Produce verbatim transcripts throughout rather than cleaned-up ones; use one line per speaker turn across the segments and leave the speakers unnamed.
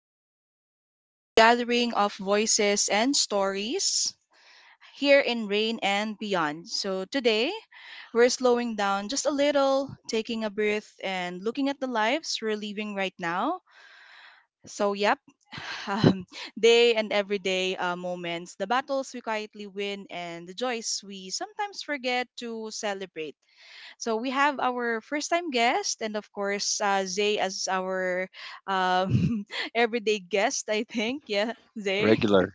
welcome to another gathering of voices and stories here in Rain and Beyond. So, today we're slowing down just a little, taking a breath, and looking at the lives we're living right now. So, yep, um, day and everyday uh, moments, the battles we quietly win, and the joys we sometimes forget to celebrate. So we have our first time guest, and of course, uh, Zay as our um, everyday guest, I think. Yeah, Zay,
Regular.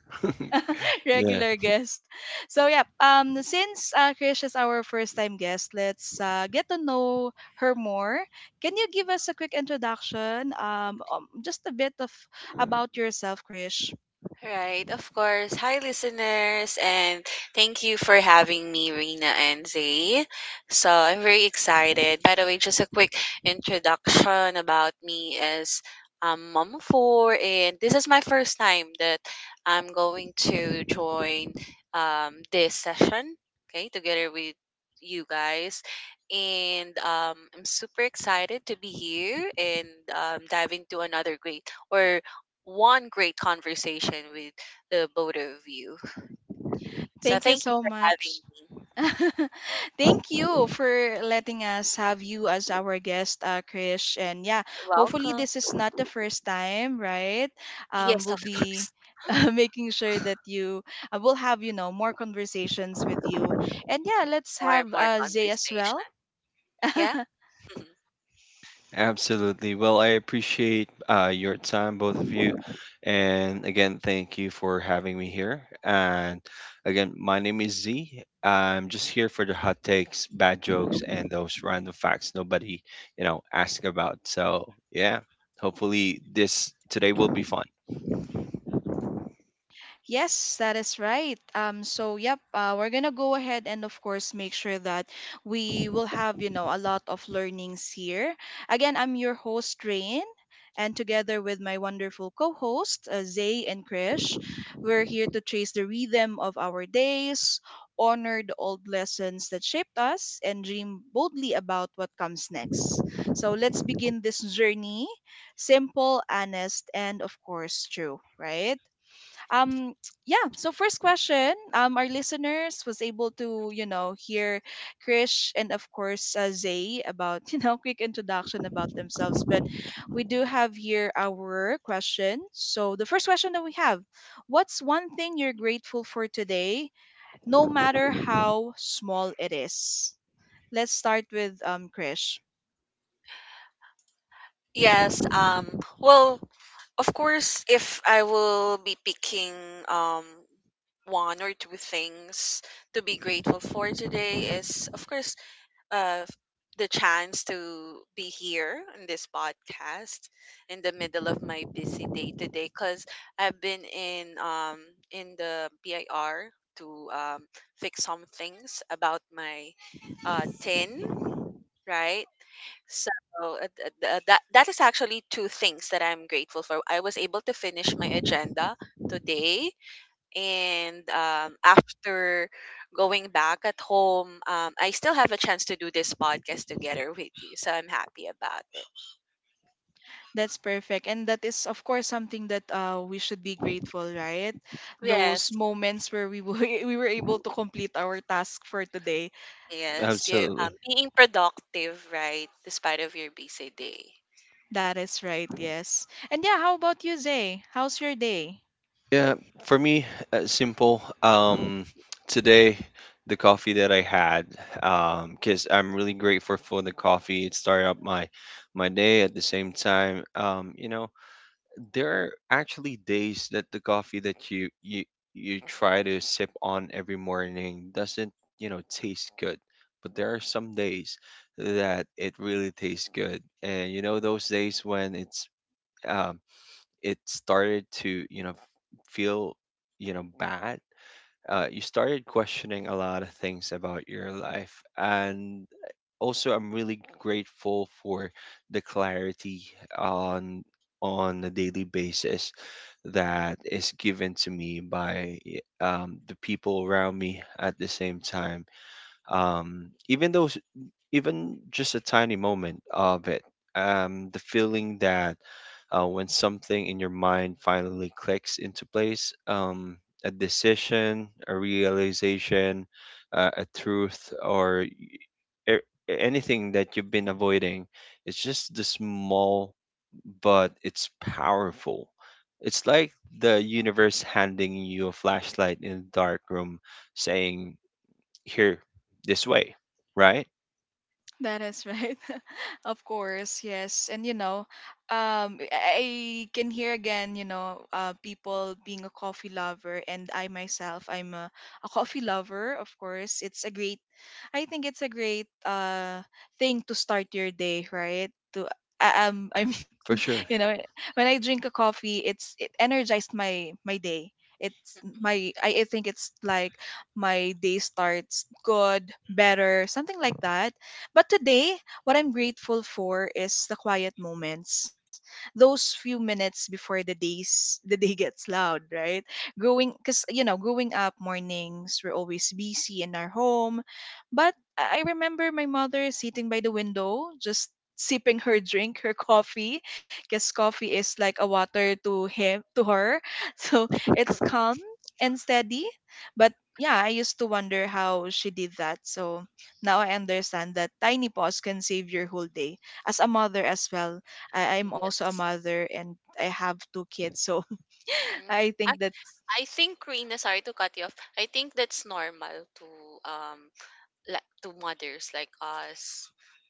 Yeah,
regular guest. So, yeah, um, since uh, Krish is our first time guest, let's uh, get to know her more. Can you give us a quick introduction? Um, um, just a bit of about yourself, Krish.
Right, of course. Hi, listeners, and thank you for having me, Rina and Zay. So I'm very excited. By the way, just a quick introduction about me is I'm mom of four, and this is my first time that I'm going to join um, this session, okay, together with you guys. And um, I'm super excited to be here and um, dive into another great or one great conversation with the both of you. So
Thank you
thank you
so
for having
much.
me.
Thank you for letting us have you as our guest, uh, Krish. And yeah,
You're
hopefully
welcome.
this is not the first time, right? Um,
Yes,
we'll
of course.
be uh, making sure that you uh, will have you know more conversations with you. And yeah, let's
More and
have
more
uh, Zay as well.
conversation. Yeah. Mhm.
absolutely. Well, I appreciate uh, your time, both of you. And again, thank you for having me here. And again, my name is Z. I'm just here for the hot takes, bad jokes, and those random facts nobody, you know, asking about. So, yeah, hopefully this today will be fun.
Yes, that is right. Um, so yep, uh, we're gonna go ahead and of course make sure that we will have you know a lot of learnings here. Again, I'm your host Rain, and together with my wonderful co-host uh, Zay and Krish, we're here to trace the rhythm of our days, honor the old lessons that shaped us, and dream boldly about what comes next. So let's begin this journey, simple, honest, and of course true, right? um yeah, so first question, um our listeners was able to you know hear Krish and of course uh, Zay about you know quick introduction about themselves, but we do have here our question. So the first question that we have, what's one thing you're grateful for today, no matter how small it is? Let's start with um Krish.
Yes. Um. Well, of course, if I will be picking um one or two things to be grateful for today is, of course, uh, the chance to be here in this podcast in the middle of my busy day today because I've been in um in the P I R to um, fix some things about my uh, tin, right? So uh, th- th- that that is actually two things that I'm grateful for. I was able to finish my agenda today and um, after going back at home um, I still have a chance to do this podcast together with you so I'm happy about it.
That's perfect. And that is, of course, something that uh, we should be grateful, right? Those
Yes.
moments where we were, we were able to complete our task for today.
Yes, yeah,
Absolutely.
um, being productive, right? Despite of your busy day.
That is right, yes. And yeah, how about you, Zay? How's your day?
Yeah, for me, uh, simple. Um, today, the coffee that I had, um, because I'm really grateful for the coffee. It started up my my day at the same time. Um, you know, there are actually days that the coffee that you you you try to sip on every morning doesn't, you know, taste good. But there are some days that it really tastes good, and you know those days when it's um it started to you know feel you know bad, uh, you started questioning a lot of things about your life. And also, I'm really grateful for the clarity on on a daily basis that is given to me by um, the people around me at the same time, um, even though even just a tiny moment of it. Um, the feeling that, uh, when something in your mind finally clicks into place, um, a decision, a realization, uh, a truth, or a- anything that you've been avoiding, it's just the small, but it's powerful. It's like the universe handing you a flashlight in a dark room, saying, "Here, this way," right?
That is right. of course, yes. And you know, um I I can hear again, you know, uh, people being a coffee lover, and I myself I'm a, a coffee lover, of course. It's a great, I think it's a great uh, thing to start your day, right? To I- um I mean,
For
you
sure.
know, when I drink a coffee, it's it energized my my day. It's my, I, I think it's like my day starts good, better, something like that, but today, what I'm grateful for is the quiet moments, those few minutes before the days the day gets loud, right? Growing, because you know, growing up, mornings were always busy in our home, but I I remember my mother sitting by the window, just sipping her drink, her coffee, because coffee is like a water to him, to her. So it's calm and steady. But yeah, I used to wonder how she did that. So now I understand that tiny pause can save your whole day. As a mother as well, I- I'm also a
Yes.
mother and I have two kids. So
Mm,
I
I,
think that
I think, Rina, sorry to cut you off. I think that's normal to um like to mothers like us,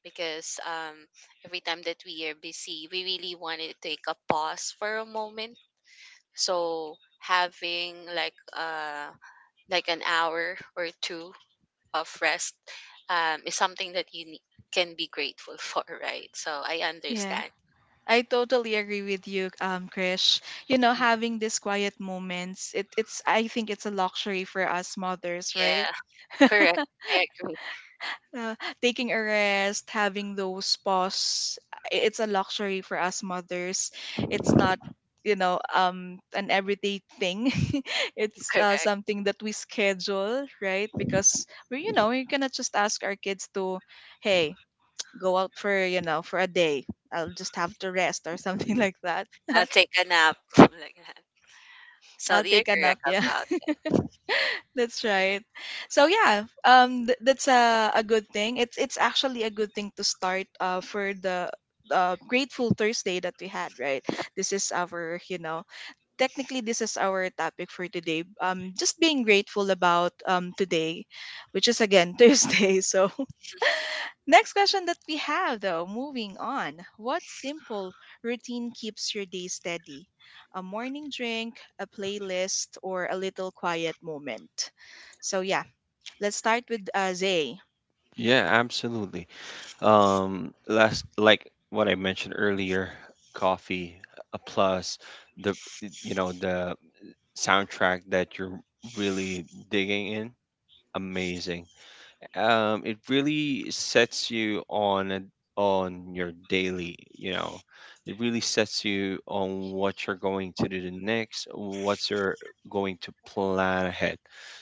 because um every time that we are busy, we really want to take a pause for a moment. So having like uh like an hour or two of rest um, is something that you ne- can be grateful for, right? So I
yeah.
understand.
I totally agree with you, um, Krish. You know,
Mm,
having these quiet moments, it, it's I think it's a luxury for us mothers, right?
yeah, correct. I agree.
Uh, taking a rest, having those pause, i- it's a luxury for us mothers. It's not, you know, um, an everyday thing. it's uh,
Correct.
something that we schedule, right? Because we, you know, we cannot just ask our kids to, hey, go out for, you know, for a day. I'll just have to rest or something like that.
I'll take a nap like that. So
I'll
you're
take a nap,
correct
yeah.
about.
That's right. So yeah, um, th- that's a a good thing. It's it's actually a good thing to start uh, for the uh, grateful Thursday that we had, right? This is our you know, technically this is our topic for today. Um, just being grateful about um, today, which is again Thursday. So next question that we have though, moving on, what simple routine keeps your day steady? A morning drink, a playlist, or a little quiet moment. So yeah, let's start with uh, Zay.
Yeah, absolutely. Um, last like what I mentioned earlier, coffee uh, plus the you know the soundtrack that you're really digging in, amazing. Um, it really sets you on a, on your daily, you know, it really sets you on what you're going to do the next, what you're going to plan ahead.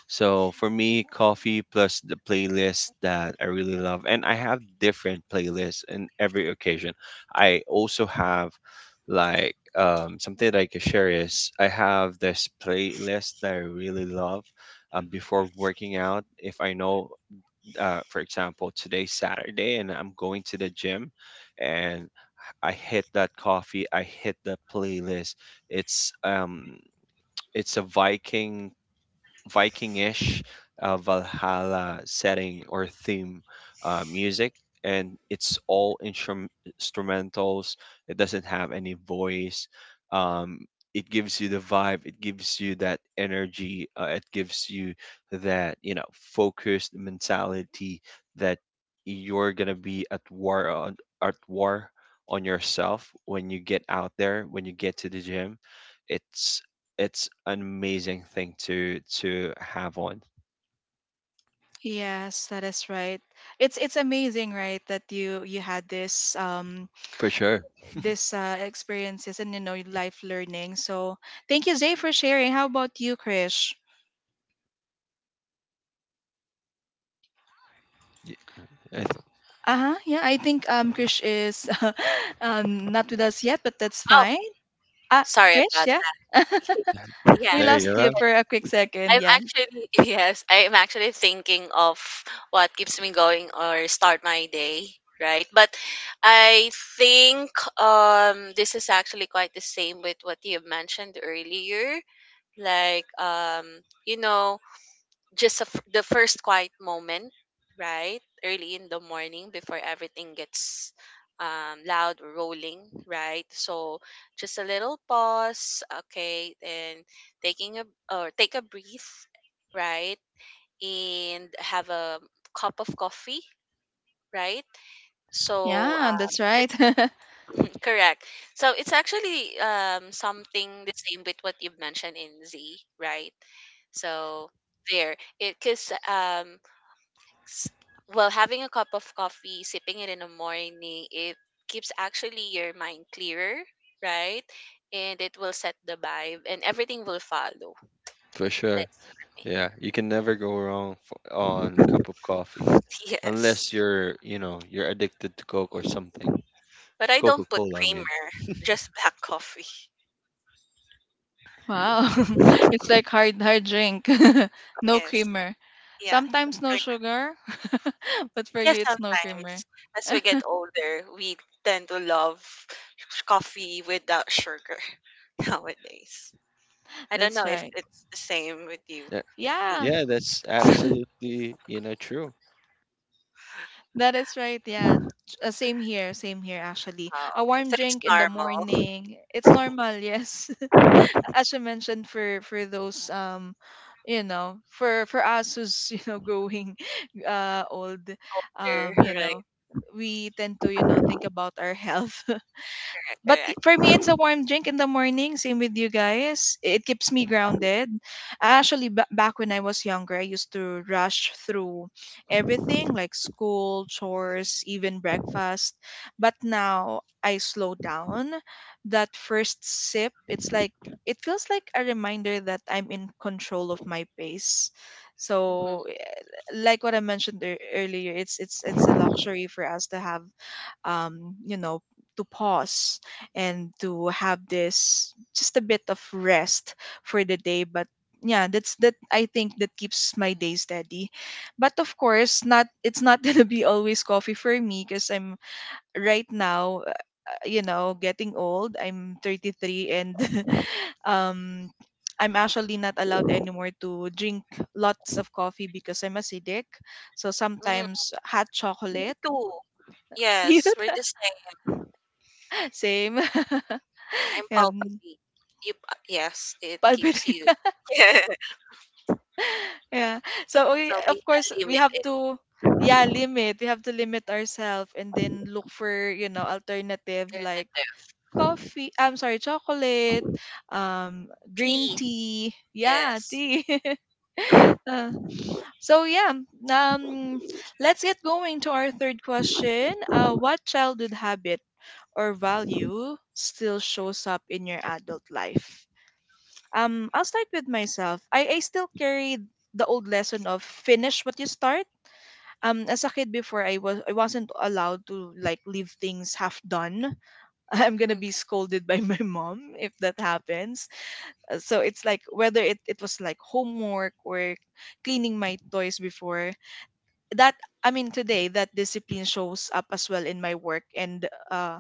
So for me, coffee plus the playlist that I really love, and I have different playlists in every occasion. I also have like, um, something that I can share is I have this playlist that I really love um, before working out. If I know, uh, for example, today's Saturday and I'm going to the gym, and I hit that coffee, I hit the playlist. It's um it's a Viking Viking-ish uh, Valhalla setting or theme, uh, music, and it's all instrum- instrumentals. It doesn't have any voice. Um, it gives you the vibe. It gives you that energy. Uh, it gives you that, you know, focused mentality that you're gonna be at war on at war on yourself when you get out there, when you get to the gym. It's it's an amazing thing to to have on,
Yes, that is right. It's it's amazing, right, that you you had this um
for sure.
this uh, experiences and you know life learning. So thank you, Zay, for sharing. How about you, Krish?
Y- It's,
Uh huh. Yeah, I think um, Krish is um, not with us yet, but that's
Oh,
fine. Ah,
sorry
Krish,
about
yeah.
that. Yeah.
we
there
Yes.
you
lost you
go,
for a quick second.
I'm
Yeah,
actually yes, I'm actually thinking of what keeps me going or start my day, right? But I think um this is actually quite the same with what you mentioned earlier. Like um, you know, just a f- the first quiet moment, right? Early in the morning before everything gets um, loud or rolling, right? So just a little pause, okay, and taking a or take a breath, right? And have a cup of coffee, right? So
yeah,
uh,
that's right.
it's correct. So it's actually um, something the same with what you've mentioned in Z, right? So there, it, because um s- well, having a cup of coffee, sipping it in the morning, it keeps actually your mind clearer, right? And it will set the vibe and everything will follow.
for sure.
That's for me.
Yeah, you can never go wrong f on a cup of coffee,
Yes,
unless you're, you know, you're addicted to Coke or something.
but I
Coca
don't put
Cola, I mean.
creamer, just black coffee.
Yeah.
Wow. It's like hard hard drink. No
Yes,
creamer.
yeah, no
Sometimes no
creamer.
sugar, but for
Yes,
you it's no creamer.
sometimes. As we get older, we tend to love coffee without sugar nowadays. I don't
That's
know if
right.
it's the same with you
Yeah,
between.
Yeah,
yeah, that's absolutely, you know, true.
that is right. Yeah. J- Uh, same here, same here actually.
Oh,
A
okay.
warm
So it's
drink in the
normal.
morning. It's
Older,
normal, yes. As you mentioned for for those um, you know, for for us who's, you know, growing uh, old, um, you
right.
know, we tend to, you know, think about our health,
Correct,
but y-
correct.
for me it's a warm drink in the morning, same with you guys. It keeps me grounded. I actually ba- back when I was younger, I used to rush through everything, like school, chores, even breakfast, but now I slow down. That first sip, it's like it feels like a reminder that I'm in control of my pace.
Mm-hmm.
So eh, like what I mentioned ear- earlier, it's it's it's a luxury for us to have um, you know, to pause and to have this just a bit of rest for the day. But yeah, that's that, I think that keeps my day steady. But of course, not it's not gonna be always coffee for me, because I'm right now, uh, you know, getting old. I'm thirty-three and um, I'm actually not allowed anymore to drink lots of coffee because I'm acidic. So
Mm-hmm.
sometimes hot
Me
chocolate.
too. Yes, we're the same.
Same.
I'm
Yeah, mm,
palpitating. You, uh, yes, it keeps you.
palpitation. yeah. So we,
So
of
we
course, we have
unlimited
to, yeah, limit. We have to limit ourselves and then look for, you know, alternative like
alternative.
coffee. I'm sorry, chocolate, um, green
Tea.
tea. Yeah,
Yes.
tea. Uh, so yeah, um, let's get going to our third question. Uh, what childhood habit or value still shows up in your adult life? Um, I'll start with myself. I, I still carry the old lesson of finish what you start. Um, as a kid before, I was I wasn't allowed to like leave things half done. I'm gonna be scolded by my mom if that happens. Uh, So it's like whether it, it was like homework or cleaning my toys before that, I mean today that discipline shows up as well in my work, and uh,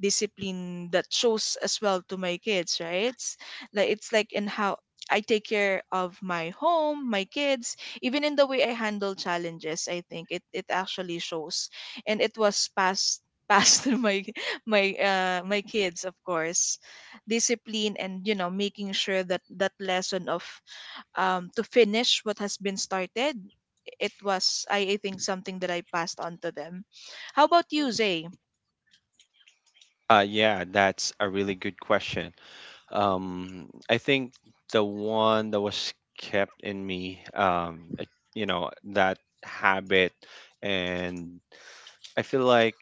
discipline that shows as well to my kids, right? It's like it's like in how I take care of my home, my kids, even in the way I handle challenges, I think it it actually shows. And it was passed passed to my my uh my kids, of course, discipline, and you know making sure that that lesson of um, to finish what has been started. It was, I, I think, something that I passed on to them. How about you,
Mm-hmm.
Zay?
Uh, yeah, that's a really good question. Um, I think the one that was kept in me, um, uh, you know, that habit, and I feel like,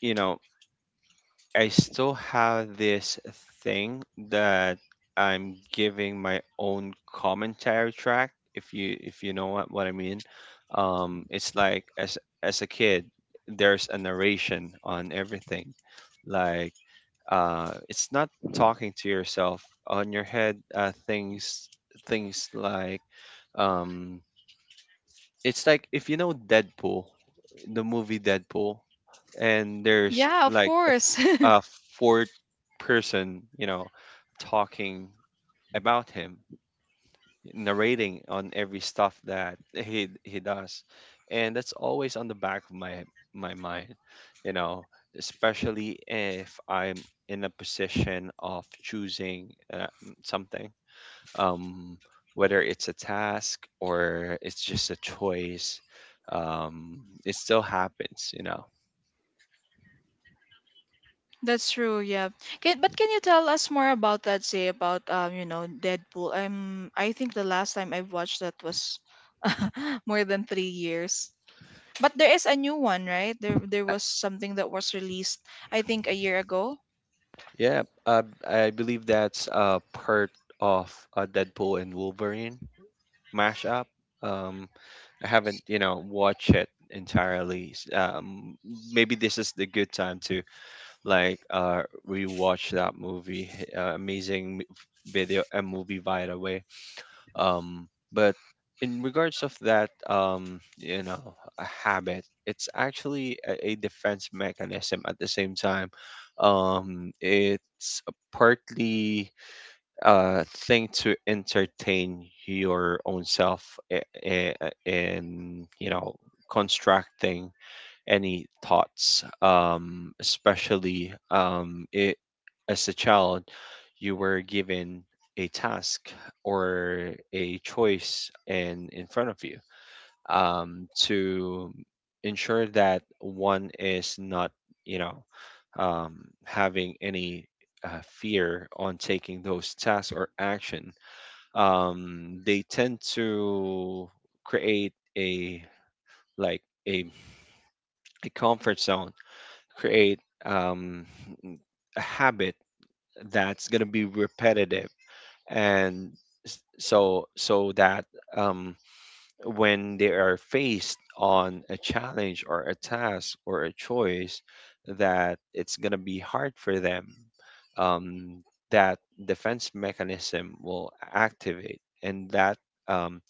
you know, I still have this thing that I'm giving my own commentary track, if you, if you know what, what I mean. Um, it's like as as a kid, there's a narration on everything. Like, uh, it's not talking to yourself on your head. Uh, things things like, um, it's like if you know Deadpool, the movie Deadpool, and there's
Yeah, of
like a,
course.
th- a fourth person, you know, talking about him, narrating on every stuff that he he does, and that's always on the back of my my mind, you know, especially if I'm in a position of choosing uh, something, um, whether it's a task or it's just a choice, um, it still happens, you know.
That's true. Yeah. Can, but can you tell us more about that? Say about um, you know, Deadpool. I'm. I think the last time I watched that was more than three years. But there is a new one, right? There, there was something that was released. I think a year ago.
Yeah, uh, I believe that's a part of, uh, Deadpool and Wolverine mashup. um, I haven't, you know, watched it entirely. S- um, maybe this is the good time to like, uh, rewatch that movie. Uh, amazing m- video, a movie, by the way. Um but in regards of that, um you know, a habit, it's actually a, a defense mechanism at the same time. Um it's a partly a thing to entertain your own self i- i- in, you know, constructing any thoughts, um, especially, um, it, as a child, you were given a task or a choice in in front of you, um, to ensure that one is not, you know, um, having any uh, fear on taking those tasks or action. Um, they tend to create a like a a comfort zone, create um, a habit that's going to be repetitive, and s- so so that, um, when they are faced on a challenge or a task or a choice that it's going to be hard for them, um, that defense mechanism will activate, and that, um,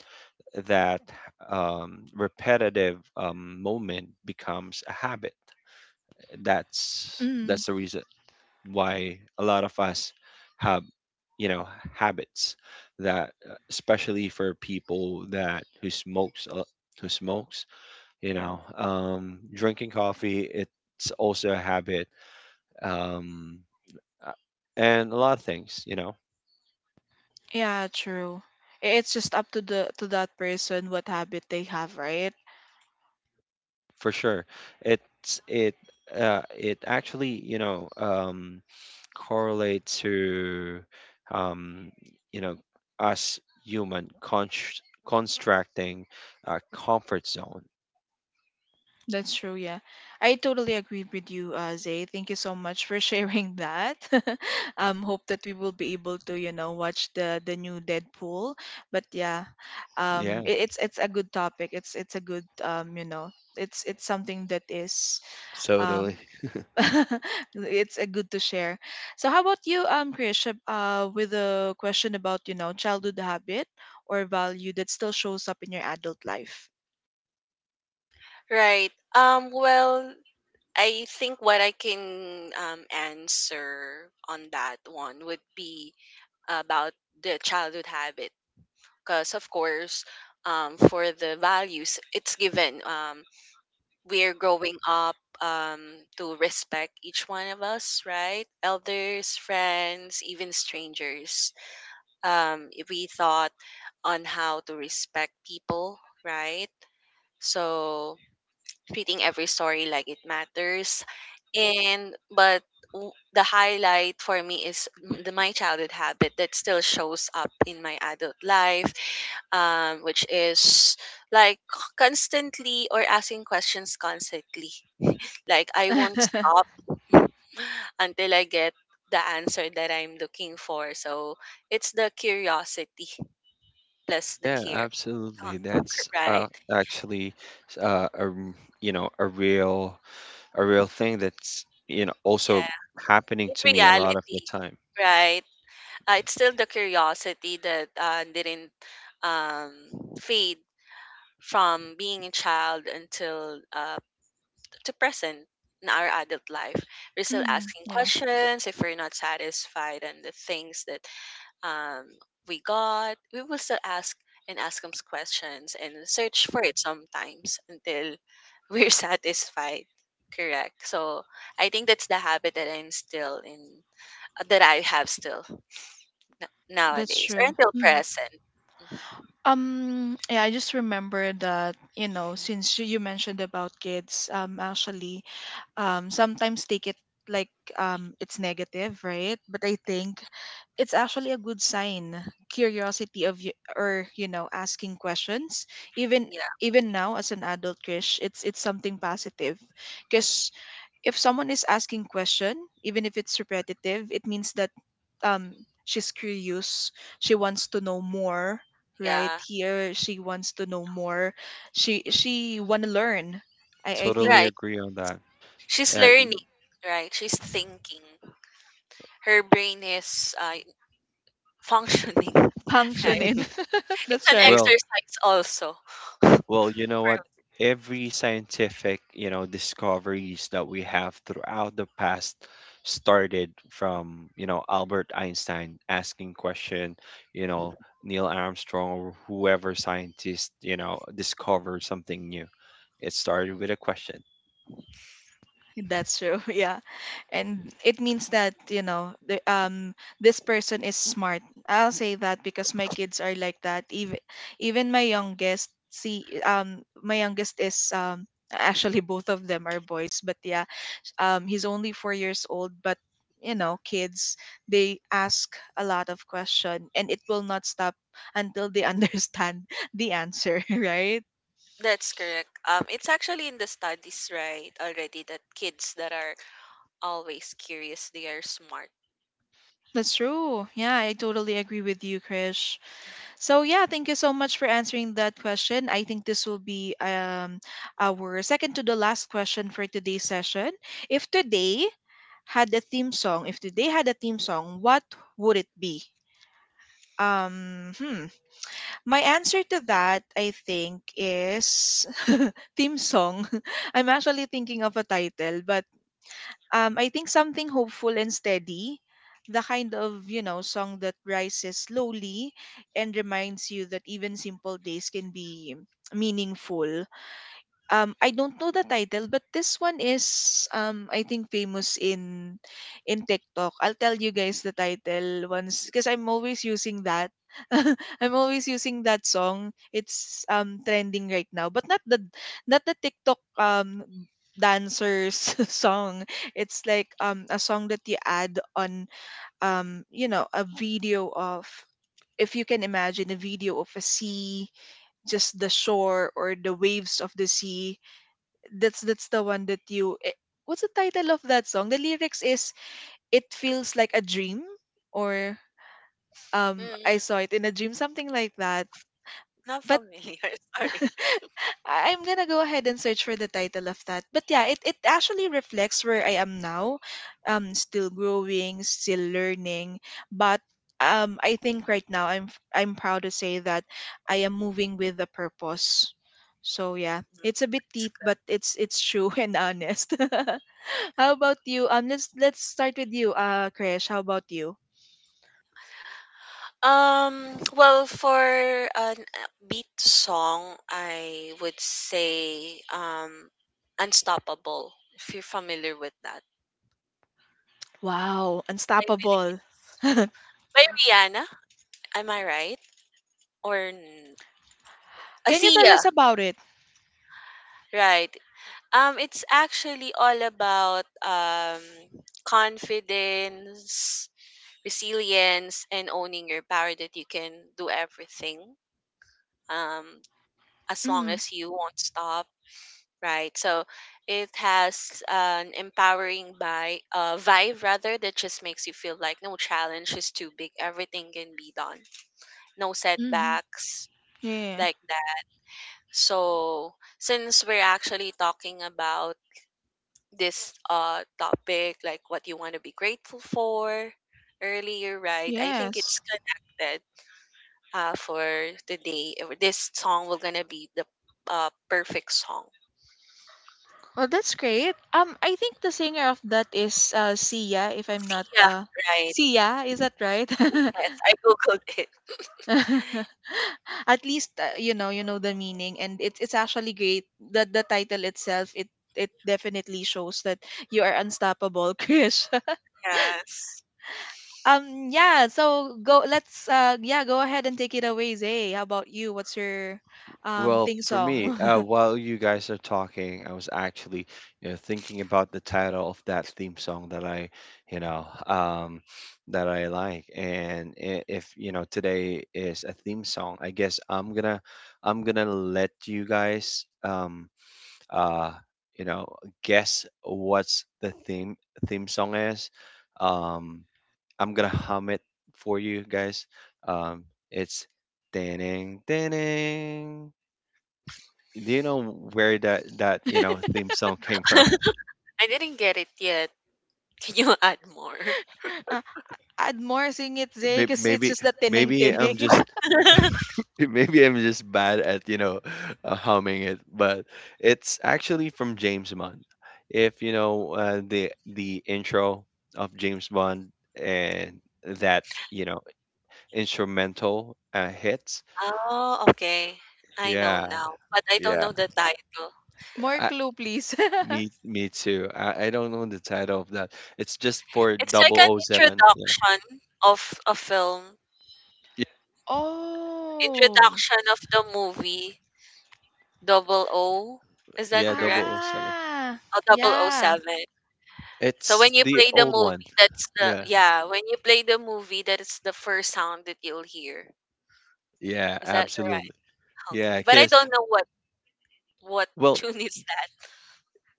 that um, repetitive um, moment becomes a habit. That's
Mm,
that's the reason why a lot of us have, you know, habits that, uh, especially for people that who smokes a- who smokes, you know, um drinking coffee, it's also a habit, um uh, and a lot of things, you know.
yeah, true. I- It's just up to the to that person what habit they have, right?
For sure. It's it uh it actually, you know, um correlate to, um you know, us human constr- constructing a comfort zone.
That's true, yeah. I totally agree with you, uh, Zay. Thank you so much for sharing that. um, hope that we will be able to, you know, watch the the new Deadpool. But yeah, um,
Yeah,
it, it's it's a good topic. It's it's a good um, you know, it's it's something that is um,
totally.
it's uh, good to share. So how about you, um, Krish, ab- uh, with a question about, you know, childhood habit or value that still shows up in your adult life?
Right. Um. Well, I think what I can um answer on that one would be about the childhood habit, because of course, um, for the values, it's given. Um, we're growing up um, to respect each one of us, right? Elders, friends, even strangers. Um, if we thought on how to respect people, right? So treating every story like it matters. And but w- the highlight for me is m- the my childhood habit that still shows up in my adult life, um, which is like constantly or asking questions constantly, like I won't stop until I get the answer that I'm looking for. So it's the curiosity plus the
Yeah,
care.
absolutely.
Huh,
That's
right.
uh actually, uh a r- you know, a real a real
Mm,
thing that's, you know, also
yeah.
happening
In
to me a lot of
reality,
the time.
right? Uh, it's still the curiosity that uh, didn't um, fade from being a child until uh, to present in our adult life. We're still
Mm,
asking
yeah,
questions if we're not satisfied, and the things that um, we got, we will still ask and ask them questions and search for it sometimes until we're satisfied. Correct. So I think that's the habit that I'm still in, uh, that I have still n-
that's
nowadays or
true.
until
Mm.
present. Mhm.
Um, yeah, I just remember that, you know, since you you mentioned about kids, um, actually, um, sometimes take it like um, it's negative, right? But I think it's actually a good sign, curiosity of you or you know asking questions, even
Yeah,
even now as an adult Krish, it's it's something positive, because if someone is asking question, even if it's repetitive it means that um, she's curious, she wants to know more, right
yeah.
here she wants to know more, she
Mm.
she want to learn, i i think
Totally
Right.
agree on that.
She's
Uh,
learning, right? She's thinking. Her brain is uh, functioning, right?
functioning
It's
that's
an
right.
well,
exercise also.
well, you know what? Every scientific, you know, discoveries that we have throughout the past started from, you know, Albert Einstein asking question, you know, Neil Armstrong or whoever scientist, you know, discover something new. It started with a question.
That's true. Yeah. And it means that, you know, the, um this person is smart. I'll say that because my kids are like that. Even even my youngest, see um my youngest is um actually both of them are boys, but yeah. Um he's only four years old, but you know, kids they ask a lot of question and it will not stop until they understand the answer, right?
That's correct. Um, it's actually in the studies, right, already, that kids that are always curious, they are smart.
That's true. Yeah, I totally agree with you, Krish. So yeah, thank you so much for answering that question. I think this will be um our second to the last question for today's session. If today had a theme song, if today had a theme song, what would it be? Um, hmm. My answer to that, I think, is theme song. I'm actually thinking of a title, but um, I think something hopeful and steady, the kind of, you know, song that rises slowly and reminds you that even simple days can be meaningful. um I don't know the title, but this one is um I think famous in in TikTok. I'll tell you guys the title once because I'm always using that. I'm always using that song. It's um trending right now, but not the not the TikTok um dancers song. It's like um a song that you add on, um you know, a video of, if you can imagine a video of a sea, just the shore or the waves of the sea. That's that's the one that you eh, what's the title of that song. The lyrics is it feels like a dream, or um I
Mm,
saw it in a dream, something like that.
not
But
familiar, sorry.
I- i'm gonna go ahead and search for the title of that. But yeah, it, it actually reflects where I am now. Um still growing, still learning, but um I think right now i'm f- i'm proud to say that I am moving with a purpose. So yeah,
Mm,
it's a bit
it's
deep, but it's it's true and honest. How about you? Um, let's let's start with you, uh, Krish. How about you?
good. Um, well, for an beat song, I would say um, Unstoppable, if you're familiar with that.
Wow,
Like,
unstoppable.
it's by Rihanna, am I right? Or n-
Can you tell
Sia,
us about it?
right? Um, it's actually all about um, confidence, resilience, and owning your power that you can do everything, um, as long
Mm,
as you won't stop, right? So it has an empowering by, uh, vibe rather that just makes you feel like no challenge is too big, everything can be done, no
mm,
setbacks
yeah.
like that. So since we're actually talking about this uh topic like what you want to be grateful for earlier, right? I think
Yes.
it's connected. Uh, for today, uh, this song will gonna be the uh perfect song.
Well, that's great. Um, I think the singer of that is uh Sia, if I'm not
Yeah,
uh
right.
Sia, is that right?
Yes, I googled it.
At least uh, you know, you know the meaning, and it's it's actually great that the title itself, it it definitely shows that you are unstoppable, Krish.
Yes.
Um, yeah, so go let's uh yeah, go ahead and take it away, Zay. How about you? What's your um
Well,
thing
for me,
song?
uh, while you guys are talking, I was actually, you know, thinking about the title of that theme song that I, you know, um, that I like. And i- if, you know, today is a theme song, I guess I'm gonna, I'm gonna let you guys, um, uh, you know, guess what's the theme theme song is. Um, I'm gonna hum it for you guys. Um, it's. Ding, ding, do you know where that that you know theme song came from?
I didn't get it yet. Can you add more?
Uh, Add more, sing it, Zay,
May-
because it's
maybe,
just the tining
maybe I'm
tining.
just maybe I'm just bad at, you know, uh, humming it, but it's actually from James Bond, if you know, uh, the the intro of James Bond, and that, you know, instrumental uh, hits.
Oh, okay, I know
Yeah,
now, but I don't
yeah.
know the title.
More
I,
clue, please.
me me too. I, I don't know the title of that. It's just for
It's like an
double O seven. Yeah.
introduction of a film,
Oh.
introduction of the movie. Double O, is that
Yeah, double
correct?
O seven.
Ah.
Oh, double O
Yeah.
seven. So
It's
when you
the
play the
old
movie,
one.
that's the
Yeah.
yeah, when you play the movie, that is the first sound that you'll hear.
Yeah,
Is that
absolutely.
right?
Yeah.
Okay. But I
Cause,
don't know what what
well,
tune is that.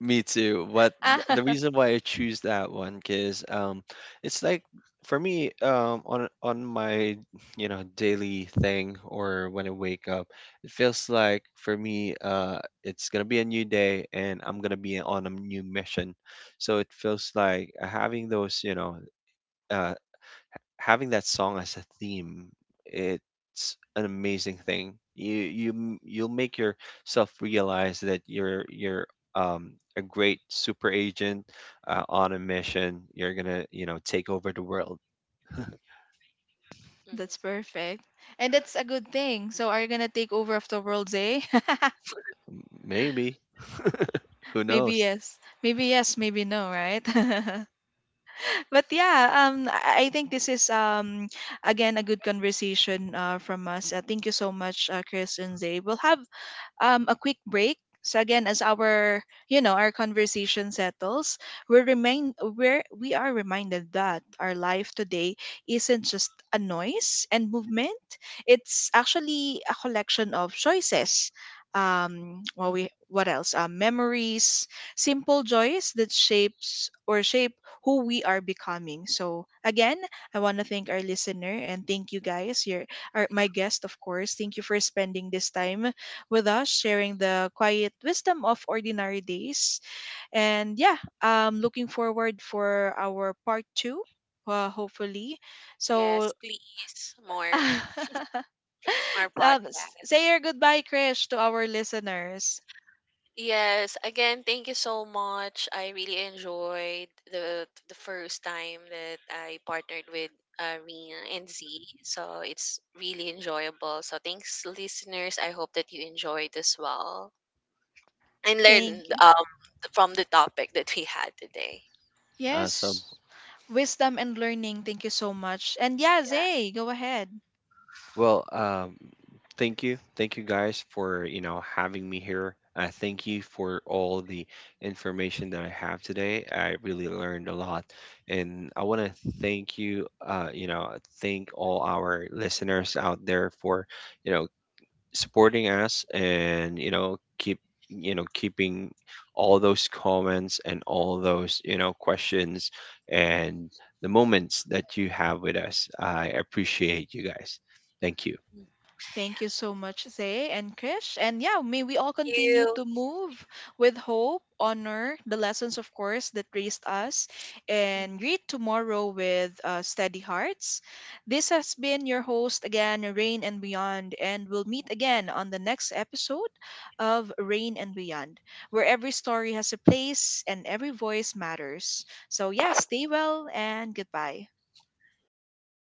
me too. But th- the
Ah.
reason why I choose that one, cause, um it's like for me, um on on my, you know, daily thing or when I wake up, it feels like for me, uh it's going to be a new day and I'm going to be on a new mission. So it feels like having those, you know, uh having that song as a theme, it's an amazing thing. You, you m- you'll make yourself realize that you're you're um, a great super agent, uh, on a mission. You're gonna, you know, take over the world.
That's
Hmm.
perfect. And that's a good thing. So are you gonna take over of the world, Zay?
M- Maybe, who
Maybe
knows?
yes. Maybe yes, maybe no, right? But yeah, um, I I think this is um again a good conversation uh from us. Uh, thank you so much, uh, Chris and Zay. We'll have um, a quick break. So again, as our, you know our conversation settles, we're remind we're we are reminded that our life today isn't just a noise and movement. It's actually a collection of choices. Um, well, we, what else? Um, memories, simple joys that shapes or shape who we are becoming. So again, I want to thank our listener and thank you guys. Your our, my guest, of course. Thank you for spending this time with us, sharing the quiet wisdom of ordinary days. And yeah, um, looking forward for our part two, uh, hopefully. So,
Yes, please. More
um,
more
s-
podcast.
say your goodbye, Krish, to our listeners.
Yes, again, thank you so much. I really enjoyed the the first time that I partnered with uh, Rina and Z. So it's really enjoyable. So thanks, listeners. I hope that you enjoyed as well and
Thank
learned
you.
um, from the topic that we had today.
Yes,
Awesome.
wisdom and learning. Thank you so much. And yeah,
Yeah.
Zay, go ahead.
Well, um, thank you. Thank you guys for, you know, having me here. Uh, thank you for all the information that I have today. I really learned a lot. And I want to thank you, uh, you know, thank all our listeners out there for, you know, supporting us, and, you know, keep, you know, keeping all those comments and all those, you know, questions and the moments that you have with us. I appreciate you guys. Thank you.
Thank
Thank you so much, Zay and Krish. And yeah, may we all continue
you.
to move with hope, honor the lessons, of course, that raised us,
Mm-hmm.
and greet tomorrow with uh, steady hearts. This has been your host again, Rain and Beyond, and we'll meet again on the next episode of Rain and Beyond, where every story has a place and every voice matters. So, yeah, stay well and goodbye.
Goodbye.